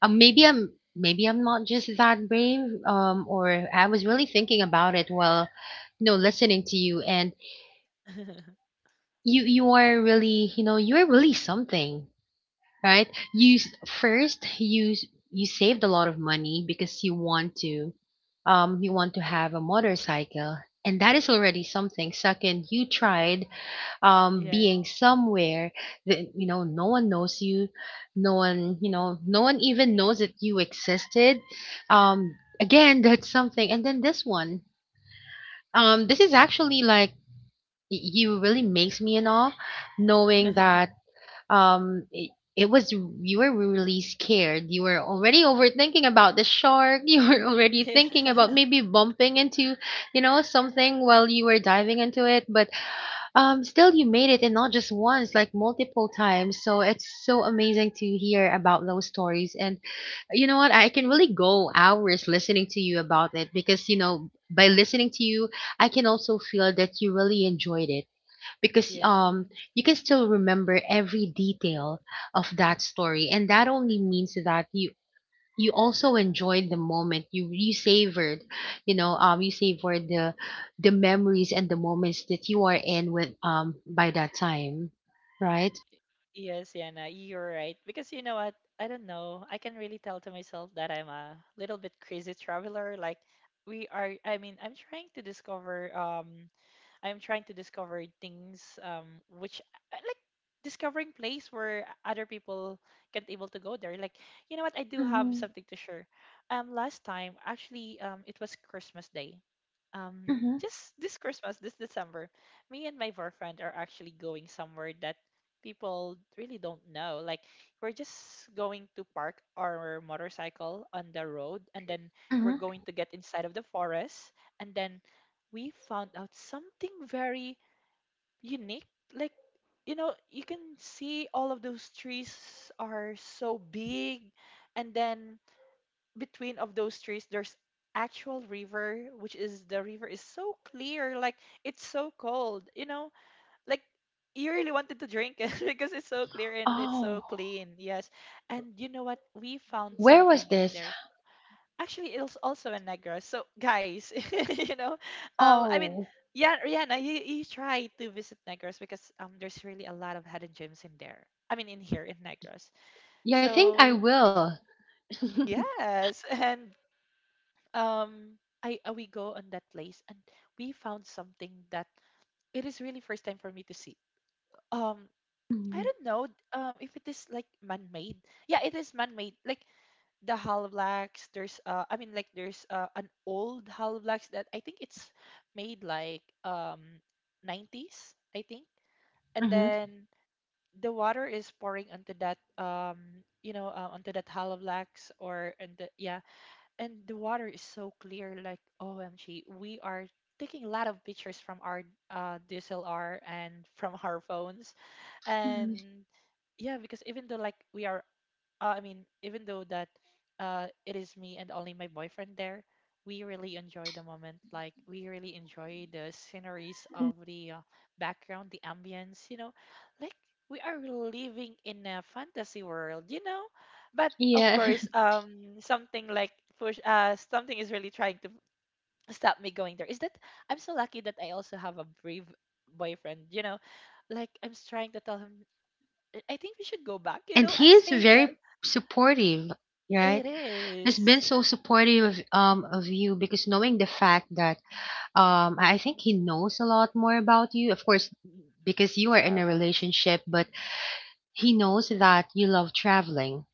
Um, maybe I'm maybe I'm not just that brave. Um, or I was really thinking about it while, you know, listening to you. And you you are really, you know, you are really something, right? You s- first you s- You saved a lot of money because you want to, um, you want to have a motorcycle, and that is already something. Second, you tried um being Yes. somewhere that, you know, no one knows you, no one, you know, no one even knows that you existed. Um again That's something. And then this one, um this is actually like, y- you really makes me in awe, knowing that um it, it was, you were really scared, you were already overthinking about the shark. You were already Yeah. thinking about maybe bumping into, you know, something while you were diving into it. But um, still you made it, and not just once, like multiple times. So it's so amazing to hear about those stories. And you know what? I can really go hours listening to you about it because, you know, by listening to you, I can also feel that you really enjoyed it because Yeah. um you can still remember every detail of that story. And that only means that you you also enjoyed the moment, you you savored, you know, um you savored the the memories and the moments that you are in with um by that time, right? Yes, Yana, you're right. Because you know what? I don't know. I can really tell to myself that I'm a little bit crazy traveler. Like we are I mean, I'm trying to discover um I'm trying to discover things um which I- I like discovering place where other people can't able to go there. Like, you know what? I do have Mm-hmm, something to share. Um, last time actually, um, it was Christmas Day. Um, mm-hmm, just this Christmas, this December, me and my boyfriend are actually going somewhere that people really don't know. Like, we're just going to park our motorcycle on the road, and then we're mm-hmm. going to get inside of the forest, and then we found out something very unique. Like, you know, you can see all of those trees are so big, and then between of those trees, there's actual river, which is the river is so clear, like it's so cold, you know, like you really wanted to drink it because it's so clear and it's so Oh, clean. Yes. And you know what? We found where was something in this? there, actually it's also a Negra, so guys, you know, um I mean, Oh, yeah, Rihanna, you, you try to visit Negros because um there's really a lot of hidden gems in there, I mean in here in Negros. yeah, I think I So will. yes. And um I uh, we go on that place and we found something that it is really first time for me to see. um I Mhm, don't know um if it is like man-made. Yeah, it is man-made. Like the Halblax, there's uh I mean, like there's uh an old Halblax that I think it's made like um nineties, I think. And mhm, then the water is pouring onto that, um you know, uh, onto that Halblax or and the, yeah, and the water is so clear like O M G, we are taking a lot of pictures from our uh D S L R and from our phones. mhm. And yeah, because even though like we are uh, I mean, even though that uh, it is me and only my boyfriend there, we really enjoy the moment. Like we really enjoy the sceneries of the uh, background, the ambience. You know, like we are living in a fantasy world. You know, but of Yeah, course, um, something like push, uh, something is really trying to stop me going there. Is that I'm so lucky that I also have a brave boyfriend. You know, like I'm s- trying to tell him. I I think we should go back. You and know, I'm he is saying that very supportive, it right? Has been is so supportive of, um of you, because knowing the fact that um i I think he knows a lot more about you, of course, because you are in a travels. relationship. But he knows that you love traveling,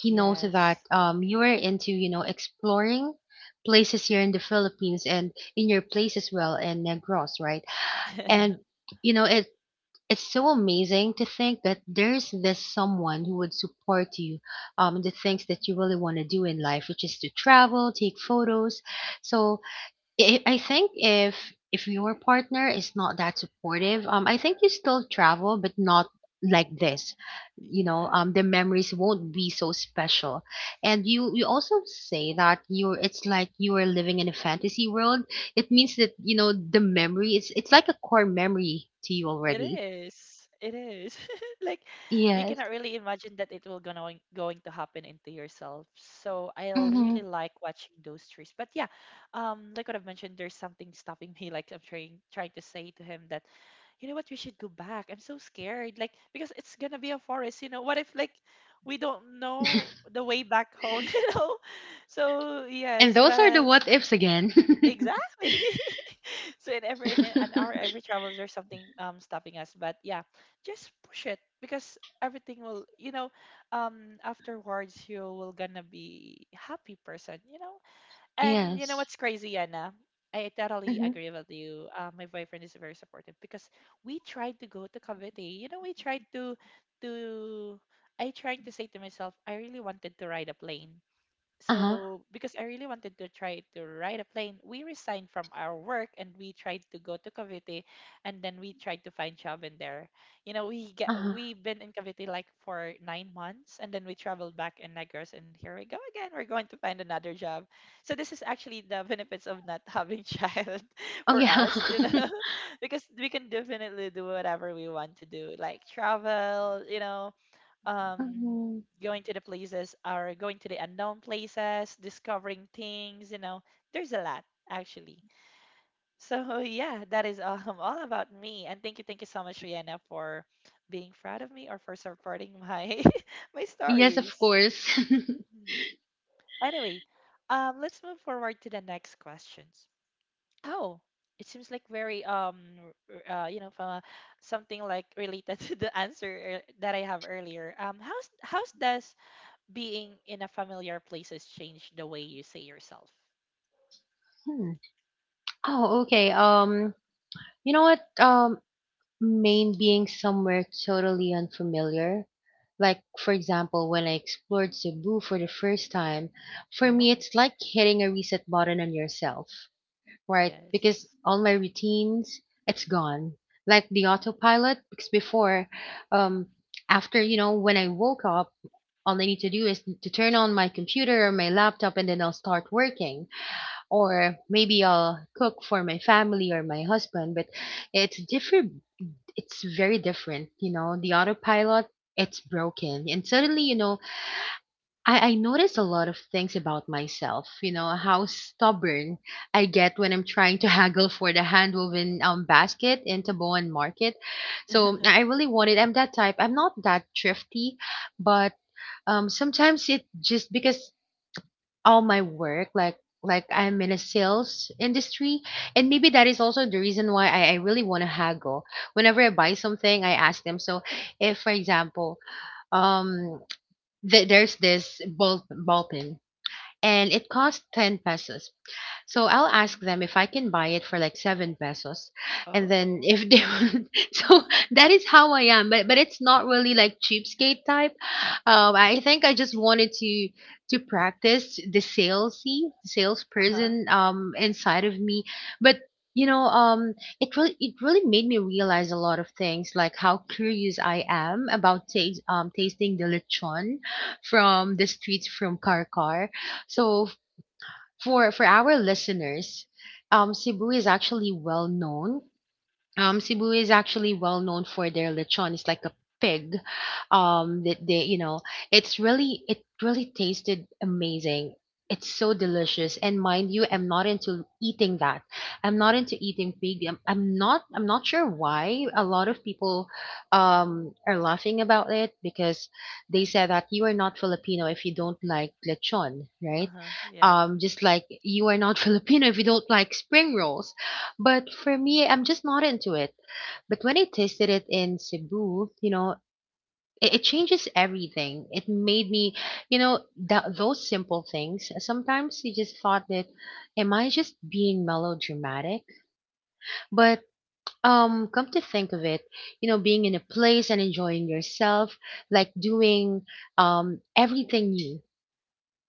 he knows that Yes. um you are into, you know, exploring places here in the Philippines and in your place as well in Negros, right? And you know, it it's so amazing to think that there's this someone who would support you, um, in the things that you really want to do in life, which is to travel, take photos. So I I think if if your partner is not that supportive, um, I think you still travel, but not like this. You know, Yeah, um, The memories won't be so special. And you you also say that you're it's like you are living in a fantasy world. It means that you know the memory. It's it's like a core memory to you it already. is. It is. Like you Yes. cannot really imagine that it will going going to happen into yourself. So I'll Hmm. really like watching those trees. But yeah, um, like what I've mentioned, there's something stopping me. Like I'm trying trying to say to him that, you know what, we should go back. I'm so scared. Like because it's gonna be a forest. You know, what if like we don't know the way back home? You know, And so those are the what ifs yes, again. but exactly. So in every in an hour every travels there's something um stopping us. But yeah, just push it because everything will, you know, um afterwards you will gonna be happy person, you know? And you know Yes. what's crazy, Yana? I totally Mm-hmm. agree with you. Uh, my boyfriend is very supportive because we tried to go to Cavite. You know, we tried to to I trying to say to myself, I really wanted to ride a plane Uh huh. so because I really wanted to try to ride a plane, we resigned from our work and we tried to go to Cavite, and then we tried to find job in there. You know, we get Uh huh. we've been in Cavite like for nine months, and then we traveled back in Negros, and here we go again. We're going to find another job. So this is actually the benefits of not having child Oh for yeah. us, you know, because we can definitely do whatever we want to do, like travel, you know, um Mhm. going to the places or going to the unknown places, discovering things, you know, there's a lot actually. So yeah, that is, um, all about me, and thank you, thank you so much, Rihanna, for being proud of me or for supporting my my Yes, of stories. course. Mhm. Anyway, um let's move forward to the next questions. Oh, it seems like very um r- uh, you know, from something like related to the answer ear- that I have earlier. Um, how's how's does being in a familiar place has changed the way you say yourself. Hmm. Oh, okay. Um, you know what? Um, Maine being somewhere totally unfamiliar. Like, for example, when I explored Cebu for the first time, for me, Oh, it's like hitting a reset button on yourself, right? yes. Because all my routines, it's gone. Like the autopilot, because before, um, after, you know, when I woke up, all I need to do is to turn on my computer or my laptop and then I'll start working or maybe I'll cook for my family or my husband, but it's different. It's very different, you know. The autopilot, it's broken. And suddenly, you know, I, I notice a lot of things about myself, you know, how stubborn I get when I'm trying to haggle for the handwoven um, basket in Taboan Market. So I really wanted, I'm that type. I'm not that thrifty, but um, sometimes it just because all my work, like like i'm in a sales industry. And maybe that is also the reason why i, I really want to haggle. Whenever i buy something, i ask them. So if, for example, um th- there's this ball, ball pen and it costs 10 pesos, so I'll ask Hmm. them if I can buy it for like seven pesos. And then Oh. if they would, so that is how I am. But but it's not really like cheapskate type. Um, I think I just wanted to to practice the salesy, Uh-huh. salesperson um inside of me. But you know, um, it really it really made me realize a lot of things, like how curious I am about taste um tasting the lechon from the streets from Karkar. So for for our listeners, um, Cebu is actually well known um, Cebu is actually well known for their lechon. It's like a pig. Um, that they, you know, it's really, it really tasted amazing. It's so delicious. And mind you, I'm not into eating that. I'm not into eating pig. I'm, I'm not, I'm not sure why a lot of people, um, are laughing about it, because they said that you are not Filipino if you don't like lechon, right? Uh-huh. Yeah. Um, just like you are not Filipino if you don't like spring rolls. But for me, I'm just not into it. But when I tasted it in Cebu, you know, it, it changes everything. It made me, you know, that those simple things. Sometimes you just thought that, am I just being melodramatic? But um, come to think of it, you know, being in a place and enjoying yourself, like doing um everything new.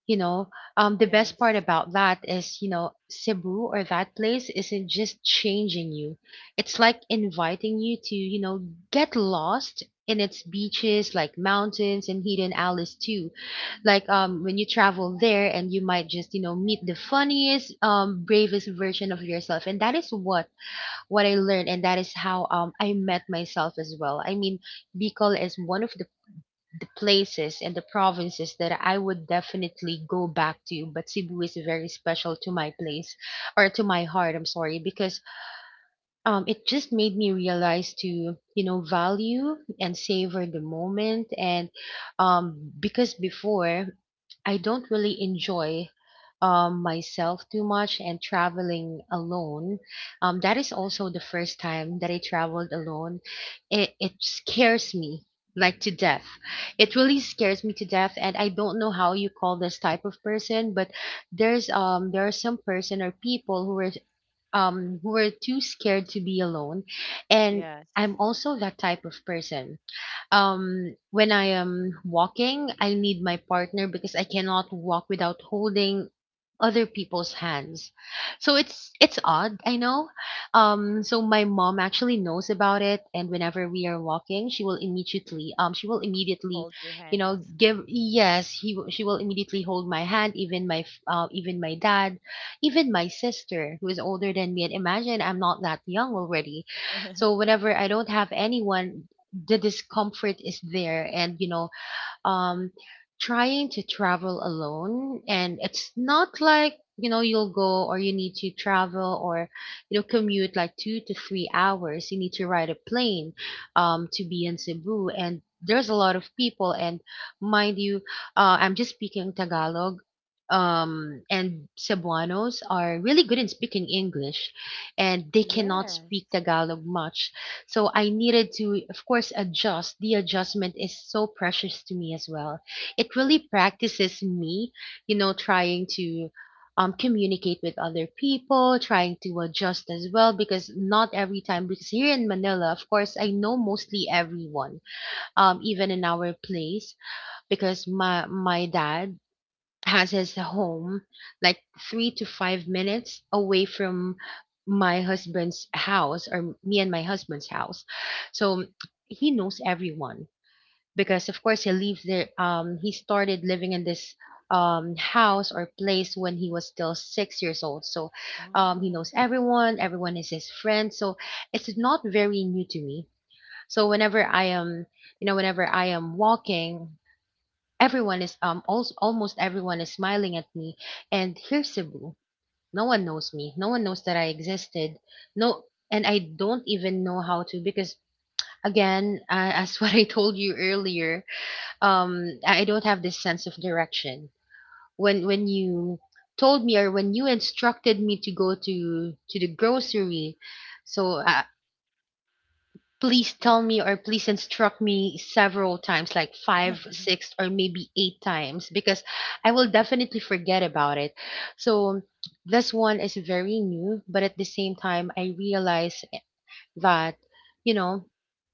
you know um the best part Yes. about that is, you know Cebu or that place isn't just changing you. It's like inviting you to, you know get lost in its beaches, like mountains and hidden alleys too. Like, um when you travel there, and you might just, you know meet the funniest, um bravest version of yourself. And that is what what i learned, and that is how um i met myself as well. I mean, bicol is one of the the places and the provinces that I would definitely go back to, but Cebu is very special to my place or to my heart. I'm sorry, because um it just made me realize to, you know value and savor the moment. And um because before, I don't really enjoy um, myself too much and traveling alone. Um, that is also the first time that I traveled alone. It, it scares me like to death. It really scares me to death, and I don't know how you call this type of person, but there's um there are some person or people who are um who are too scared to be alone, and I'm Yes. also that type of person. Um, when I am walking, I need my partner, because I cannot walk without holding other people's hands. So it's it's odd, I know. Um, so my mom actually knows about it, and whenever we are walking, she will immediately um she will immediately, Hold your you know, hands. give yes he w- she will immediately hold my hand, even my f- uh, even my dad, even my sister who is older than me. And imagine I'm not that young already. So whenever I don't have anyone, the discomfort is there. And, you know um trying to travel alone, and it's not like, you know you'll go, or you need to travel, or, you know commute like two to three hours. You need to ride a plane um to be in Cebu, and there's a lot of people. And mind you, uh I'm just speaking Tagalog, um and Cebuanos are really good in speaking English, and they cannot speak Yes. Tagalog much. So I needed to, of course, adjust. The adjustment is so precious to me as well. It really practices me, you know, trying to, um, communicate with other people, trying to adjust as well, because not every time, because here in Manila, of course, I know mostly everyone, um, even in our place, because my my dad has his home like three to five minutes away from my husband's house, or me and my husband's house. So he knows everyone because, of course, he lived there. Um, he started living in this um, house or place when he was still six years old. So um, he Oh, knows everyone. Everyone is his friend. So it's not very new to me. So whenever I am, you know, whenever I am walking, everyone is um also, almost everyone is smiling at me. And here's Cebu. No one knows me. No one knows that I existed. No, and I don't even know how, to because again, uh, as what I told you earlier, um, I I don't have this sense of direction. When when you told me, or when you instructed me to go to to the grocery, so, I, please you. tell me or please instruct me several times, like five six or maybe eight times, because i will definitely forget about it. So this one is very new, but at the same time, i realize that, you know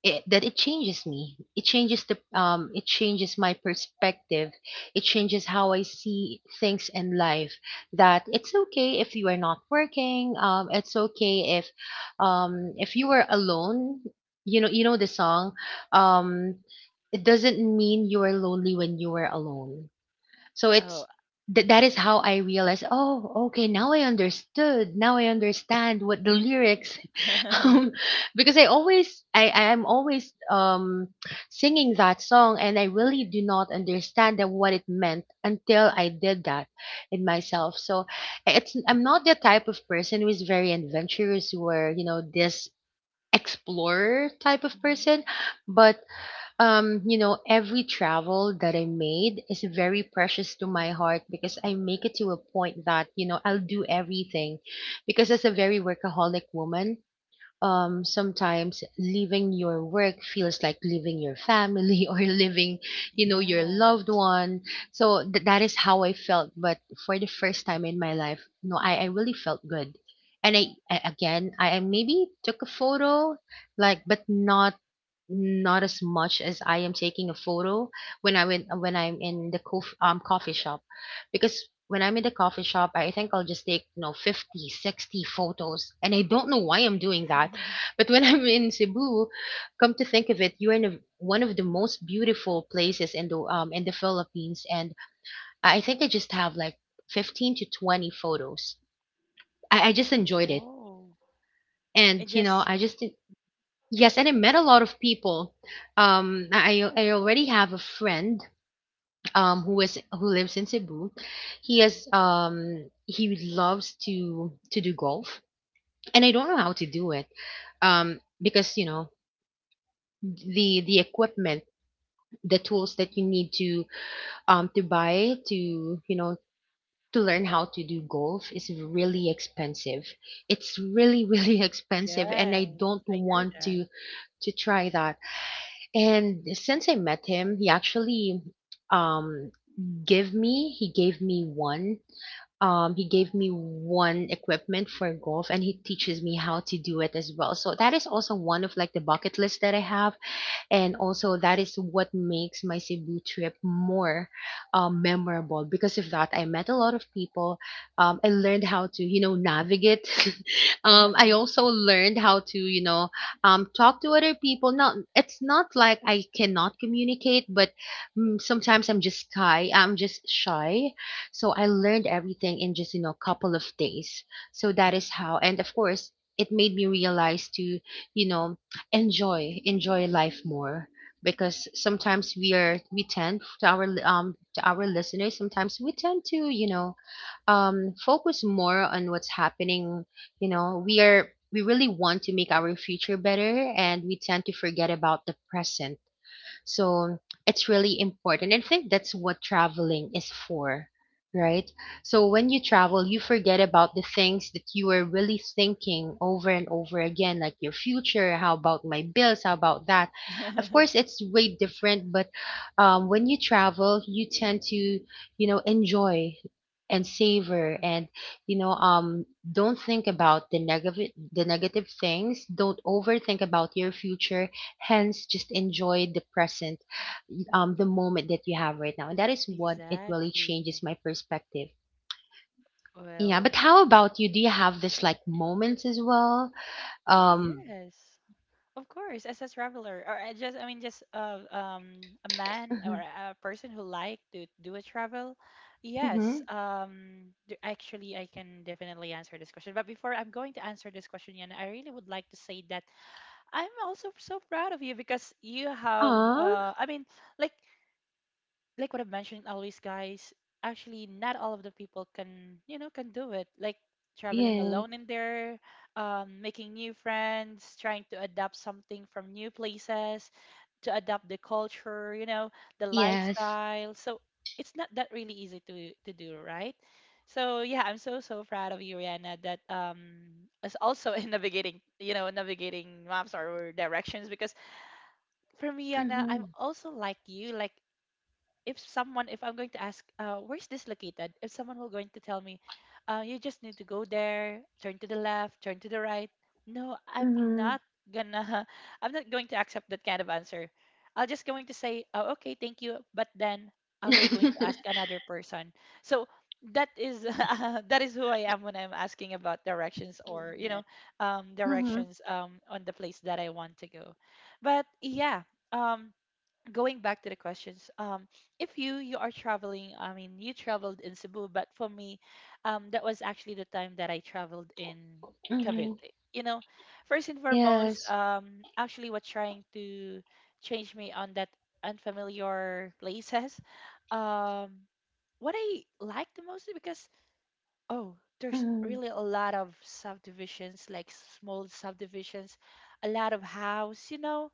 it, that it changes me. It changes the um it changes my perspective. It changes how i see things in life, that it's okay if you are not working. Um it's okay if, um if you are alone. You know you know the song, um it doesn't mean you are lonely when you are alone. so Oh. it's th- that is how I realized. Oh, okay, now I understood. Now I understand what the lyrics, um, because I always I I am always um singing that song, and I really do not understand that what it meant until I did that in myself. So it's I'm not the type of person who is very adventurous, where, you know this explorer type of Mhm. person. But um, you know, every travel that I made is very precious to my heart, because I make it to a point that, you know, I'll do everything. Because as a very workaholic woman, um, sometimes leaving your work feels like leaving your family or leaving, you know, your Yes. loved one. So th- that is how I felt. But for the first time in my life, no, I, I really felt good. And I, I again, I I maybe took a photo, like, but not not as much as I am taking a photo, when I went when I'm in the cof- um, coffee shop. Because when I'm in the coffee shop, I think I'll just take, you know fifty sixty photos, and I don't know why I'm doing that. But when I'm in Cebu, come to think of it, you're in a, one of the most beautiful places in the, um, in the Philippines. And I think I just have like fifteen to twenty photos. I, I just enjoyed it. Oh, it And, you know just. I just. Yes, and I met a lot of people. Um, I I already have a friend um who is who lives in Cebu. He has, um he loves to to do golf, and I don't know how to do it. Um, because, you know the the equipment, the tools that you need to um to buy, to you know to learn how to do golf is Mhm. really expensive. It's really really expensive, and Yes. I don't I heard want that. to to try that. And since I met him, he actually, um give me he gave me one um he gave me one equipment for golf, and he teaches me how to do it as well. So that is also one of like the bucket list that I have, and also that is what makes my Cebu trip more, um, memorable. Because of that, I met a lot of people. Um, I learned how to, you know, navigate. um, I also learned how to, you know, um, talk to other people. Not, it's not like I cannot communicate, but, mm, sometimes I'm just shy. I'm just shy. So I learned everything in just, you know, a couple of days. So that is how, and of course, it made me realize to, you know, enjoy enjoy life more, because sometimes we are we tend to, our, li- um to our listeners, sometimes we tend to, you know um focus more on what's happening. You know we are we really want to make our future better, and we tend to forget about the present. So it's really important. And I think that's what traveling is for, right? So when you travel, you forget about the things that you are really thinking over and over again, like your future, how about my bills, how about that. Of course, it's way different, but, um, when you travel, you tend to, you know, enjoy and savor, and, you know um don't think about the negative the negative things. Don't overthink about your future. Hence, just enjoy the present, um the moment that you have right now. And that is what it really Exactly. changes my perspective. Yeah, Well, but how about you? Do you have this like moments as well? y- um yes. Of course, as a traveler, or I just, I mean, just uh, um, a man or mhm, a person who like to do a travel, yes. mhm. Um, d- actually, I can definitely answer this question. But before I'm going to answer this question, Yana, I really would like to say that I'm also so proud of you because you have. Aw, Uh, I mean, like like what I've mentioned always, guys, actually not all of the people can, you know, can do it. Like traveling yes, alone in there, um, making new friends, trying to adapt something from new places, to adapt the culture, you know, the yes, lifestyle. So it's not that really easy to to do, right? So yeah, I'm so so proud of you, Rihanna, that um is also in navigating, you know, navigating maps or directions because for me, Yana, mm-hmm, I'm also like you. Like if someone, if I'm going to ask uh, where's this located, if someone will going to tell me, uh, you just need to go there, turn to the left, turn to the right. No, I'm mm-hmm. not gonna I'm not going to accept that kind of answer. I'll just going to say, oh, okay, thank you, but then I will going to Mm-hmm, ask another person. So that is uh, that is who I am when I'm asking about directions, or you know, um, directions, um, on the place that I want to go. But yeah, um, going back to the questions, um, if you you are traveling, I mean, you traveled in Cebu, but for me, um, that was actually the time that I traveled in Cavite, mm-hmm. you know. First and foremost, Yes, um, actually was trying to change me on that unfamiliar places. Um, what I like the most is because oh, there's mm-hmm, really a lot of subdivisions, like small subdivisions, a lot of house, you know,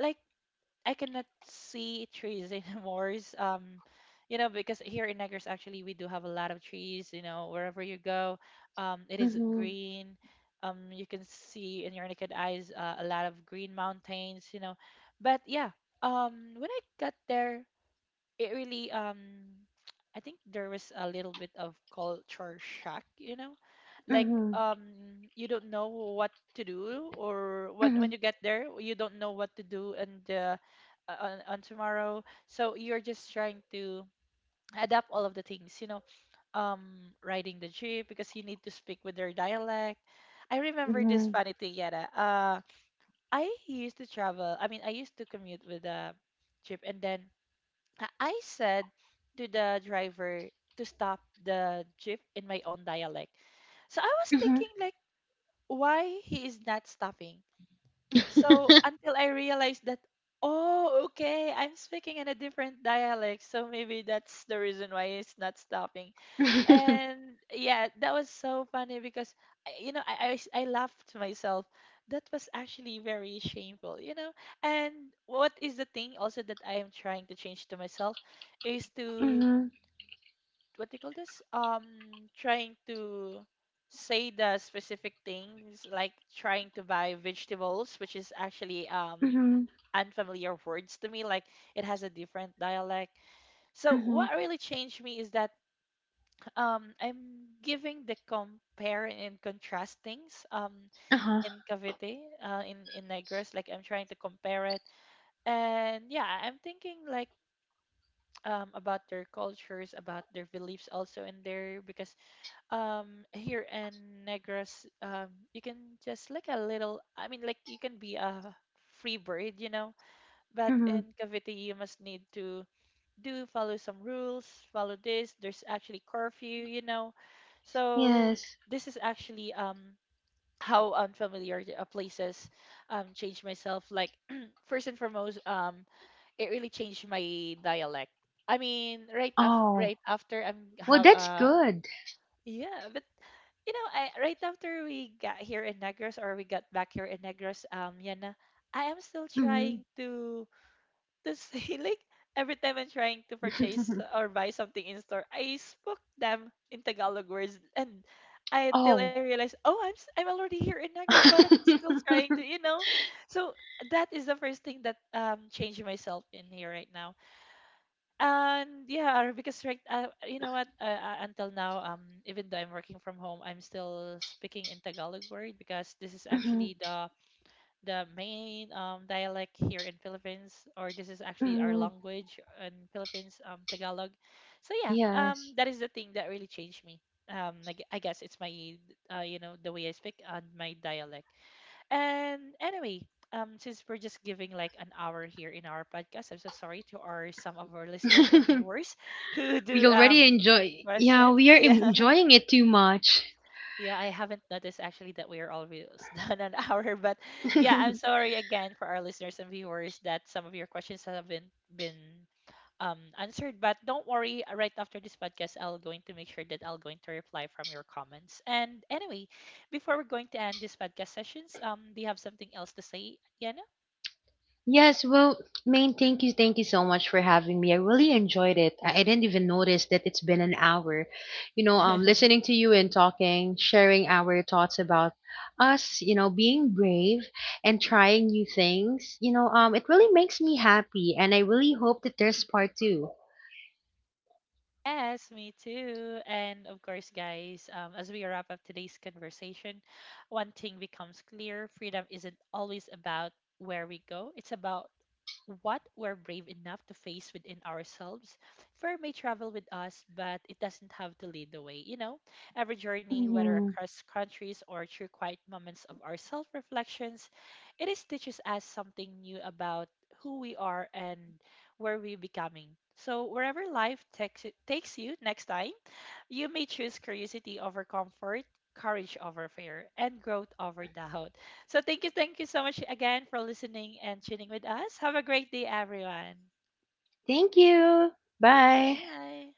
like I cannot see trees anymore. Um, you know, because here in Negros, actually, we do have a lot of trees. You know, wherever you go, um, it is mm-hmm, green. Um, you can see in your naked eyes uh, a lot of green mountains. You know, but yeah, um, when I got there, it really um I think there was a little bit of culture shock, you know? Like mm-hmm, um you don't know what to do, or when when you get there, you don't know what to do and uh, on on tomorrow. So you're just trying to adapt all of the things, you know, um riding the jeep because you need to speak with their dialect. I remember this mm-hmm, funny thing, Yara. Uh I used to travel. I mean, I used to commute with a jeep, and then I I said to the driver to stop the jeep in my own dialect. So I was mm-hmm, thinking like why he is not stopping. So until I realized that oh okay, I'm speaking in a different dialect, so maybe that's the reason why he's not stopping. mm-hmm. And yeah, that was so funny because I- you know I, I s- I laughed to myself. That was actually very shameful, you know. And what is the thing also that I am trying to change to myself is to Mhm, what do you call this? Um, trying to say the specific things like trying to buy vegetables, which is actually um mhm, mhm, unfamiliar words to me. Like it has a different dialect. So mhm, what really changed me is that um I'm giving the compare and contrastings um uh-huh, in Cavite uh in in Negros, like I'm trying to compare it. And yeah, I- am thinking like um about their cultures, about their beliefs also in there because um here in Negros um you can just like a little, I mean, like you can be a free bird, you know, but mhm. in Cavite you must need to do follow some rules, follow this. There's actually curfew, you know. So Yes. this is actually um how unfamiliar the- uh, places um changed myself. Like first and foremost, um it really changed my dialect. I mean, right af- Oh, right after I'm well, have that's uh good. yeah, but you know, I, right after we got here in Negros, or we got back here in Negros, um, Yana, I am still Mhm. trying to to say like every time I'm trying to purchase or buy something in store, I spoke them in Tagalog words. And I until I Oh. realized, oh, I'm s- I'm already here in Negros, but I'm still trying to, you know. So that is the first thing that um changed myself in here right now. And yeah, because right, uh, you know what? Uh, uh, until now, um, even though I'm working from home, I'm still speaking in Tagalog word because this is Mhm, actually the the main um, dialect here in Philippines, or this is actually our mhm. language in Philippines, um, Tagalog. So yeah, um, Yes. that is the thing that really changed me. Um, I, gue- I guess it's my, uh, you know, the way I speak and my dialect. And anyway, um, since we're just giving like an hour here in our podcast, I'm so sorry to our some of our listeners or viewers who We do um already enjoy. Yeah, questions. we are Yeah. enjoying it too much. Yeah, I haven't noticed actually that we are almost done an hour, but yeah, I'm sorry again for our listeners and viewers that some of your questions have been been um answered. But don't worry, uh, right after this podcast, I'll going to make sure that I'll going to reply from your comments. And anyway, before we're going to end this podcast sessions, um, do you have something else to say, Yana? Yes, well, main, thank you, thank you so much for having me. I really enjoyed it. I, I didn't even notice that it's been an hour. You know, um, listening to you and talking, sharing our thoughts about us, you know, being brave and trying new things. You know, um, it really makes me happy, and I really hope that there's part two. Yes, me too. And of course, guys, um, as we wrap up today's conversation, one thing becomes clear: freedom isn't always about where we go, it's about what we're brave enough to face within ourselves. Fear may travel with us, but it doesn't have to lead the way. You know, every journey, whether Hmm. across countries or through quiet moments of our self reflections, it is teaches us something new about who we are and where we're becoming. So, wherever life takes, takes you next time, you may choose curiosity over comfort, courage over fear, and growth over doubt. So thank you, thank you so much again for listening and tuning with us. Have a great day, everyone. Thank you. Bye. Bye.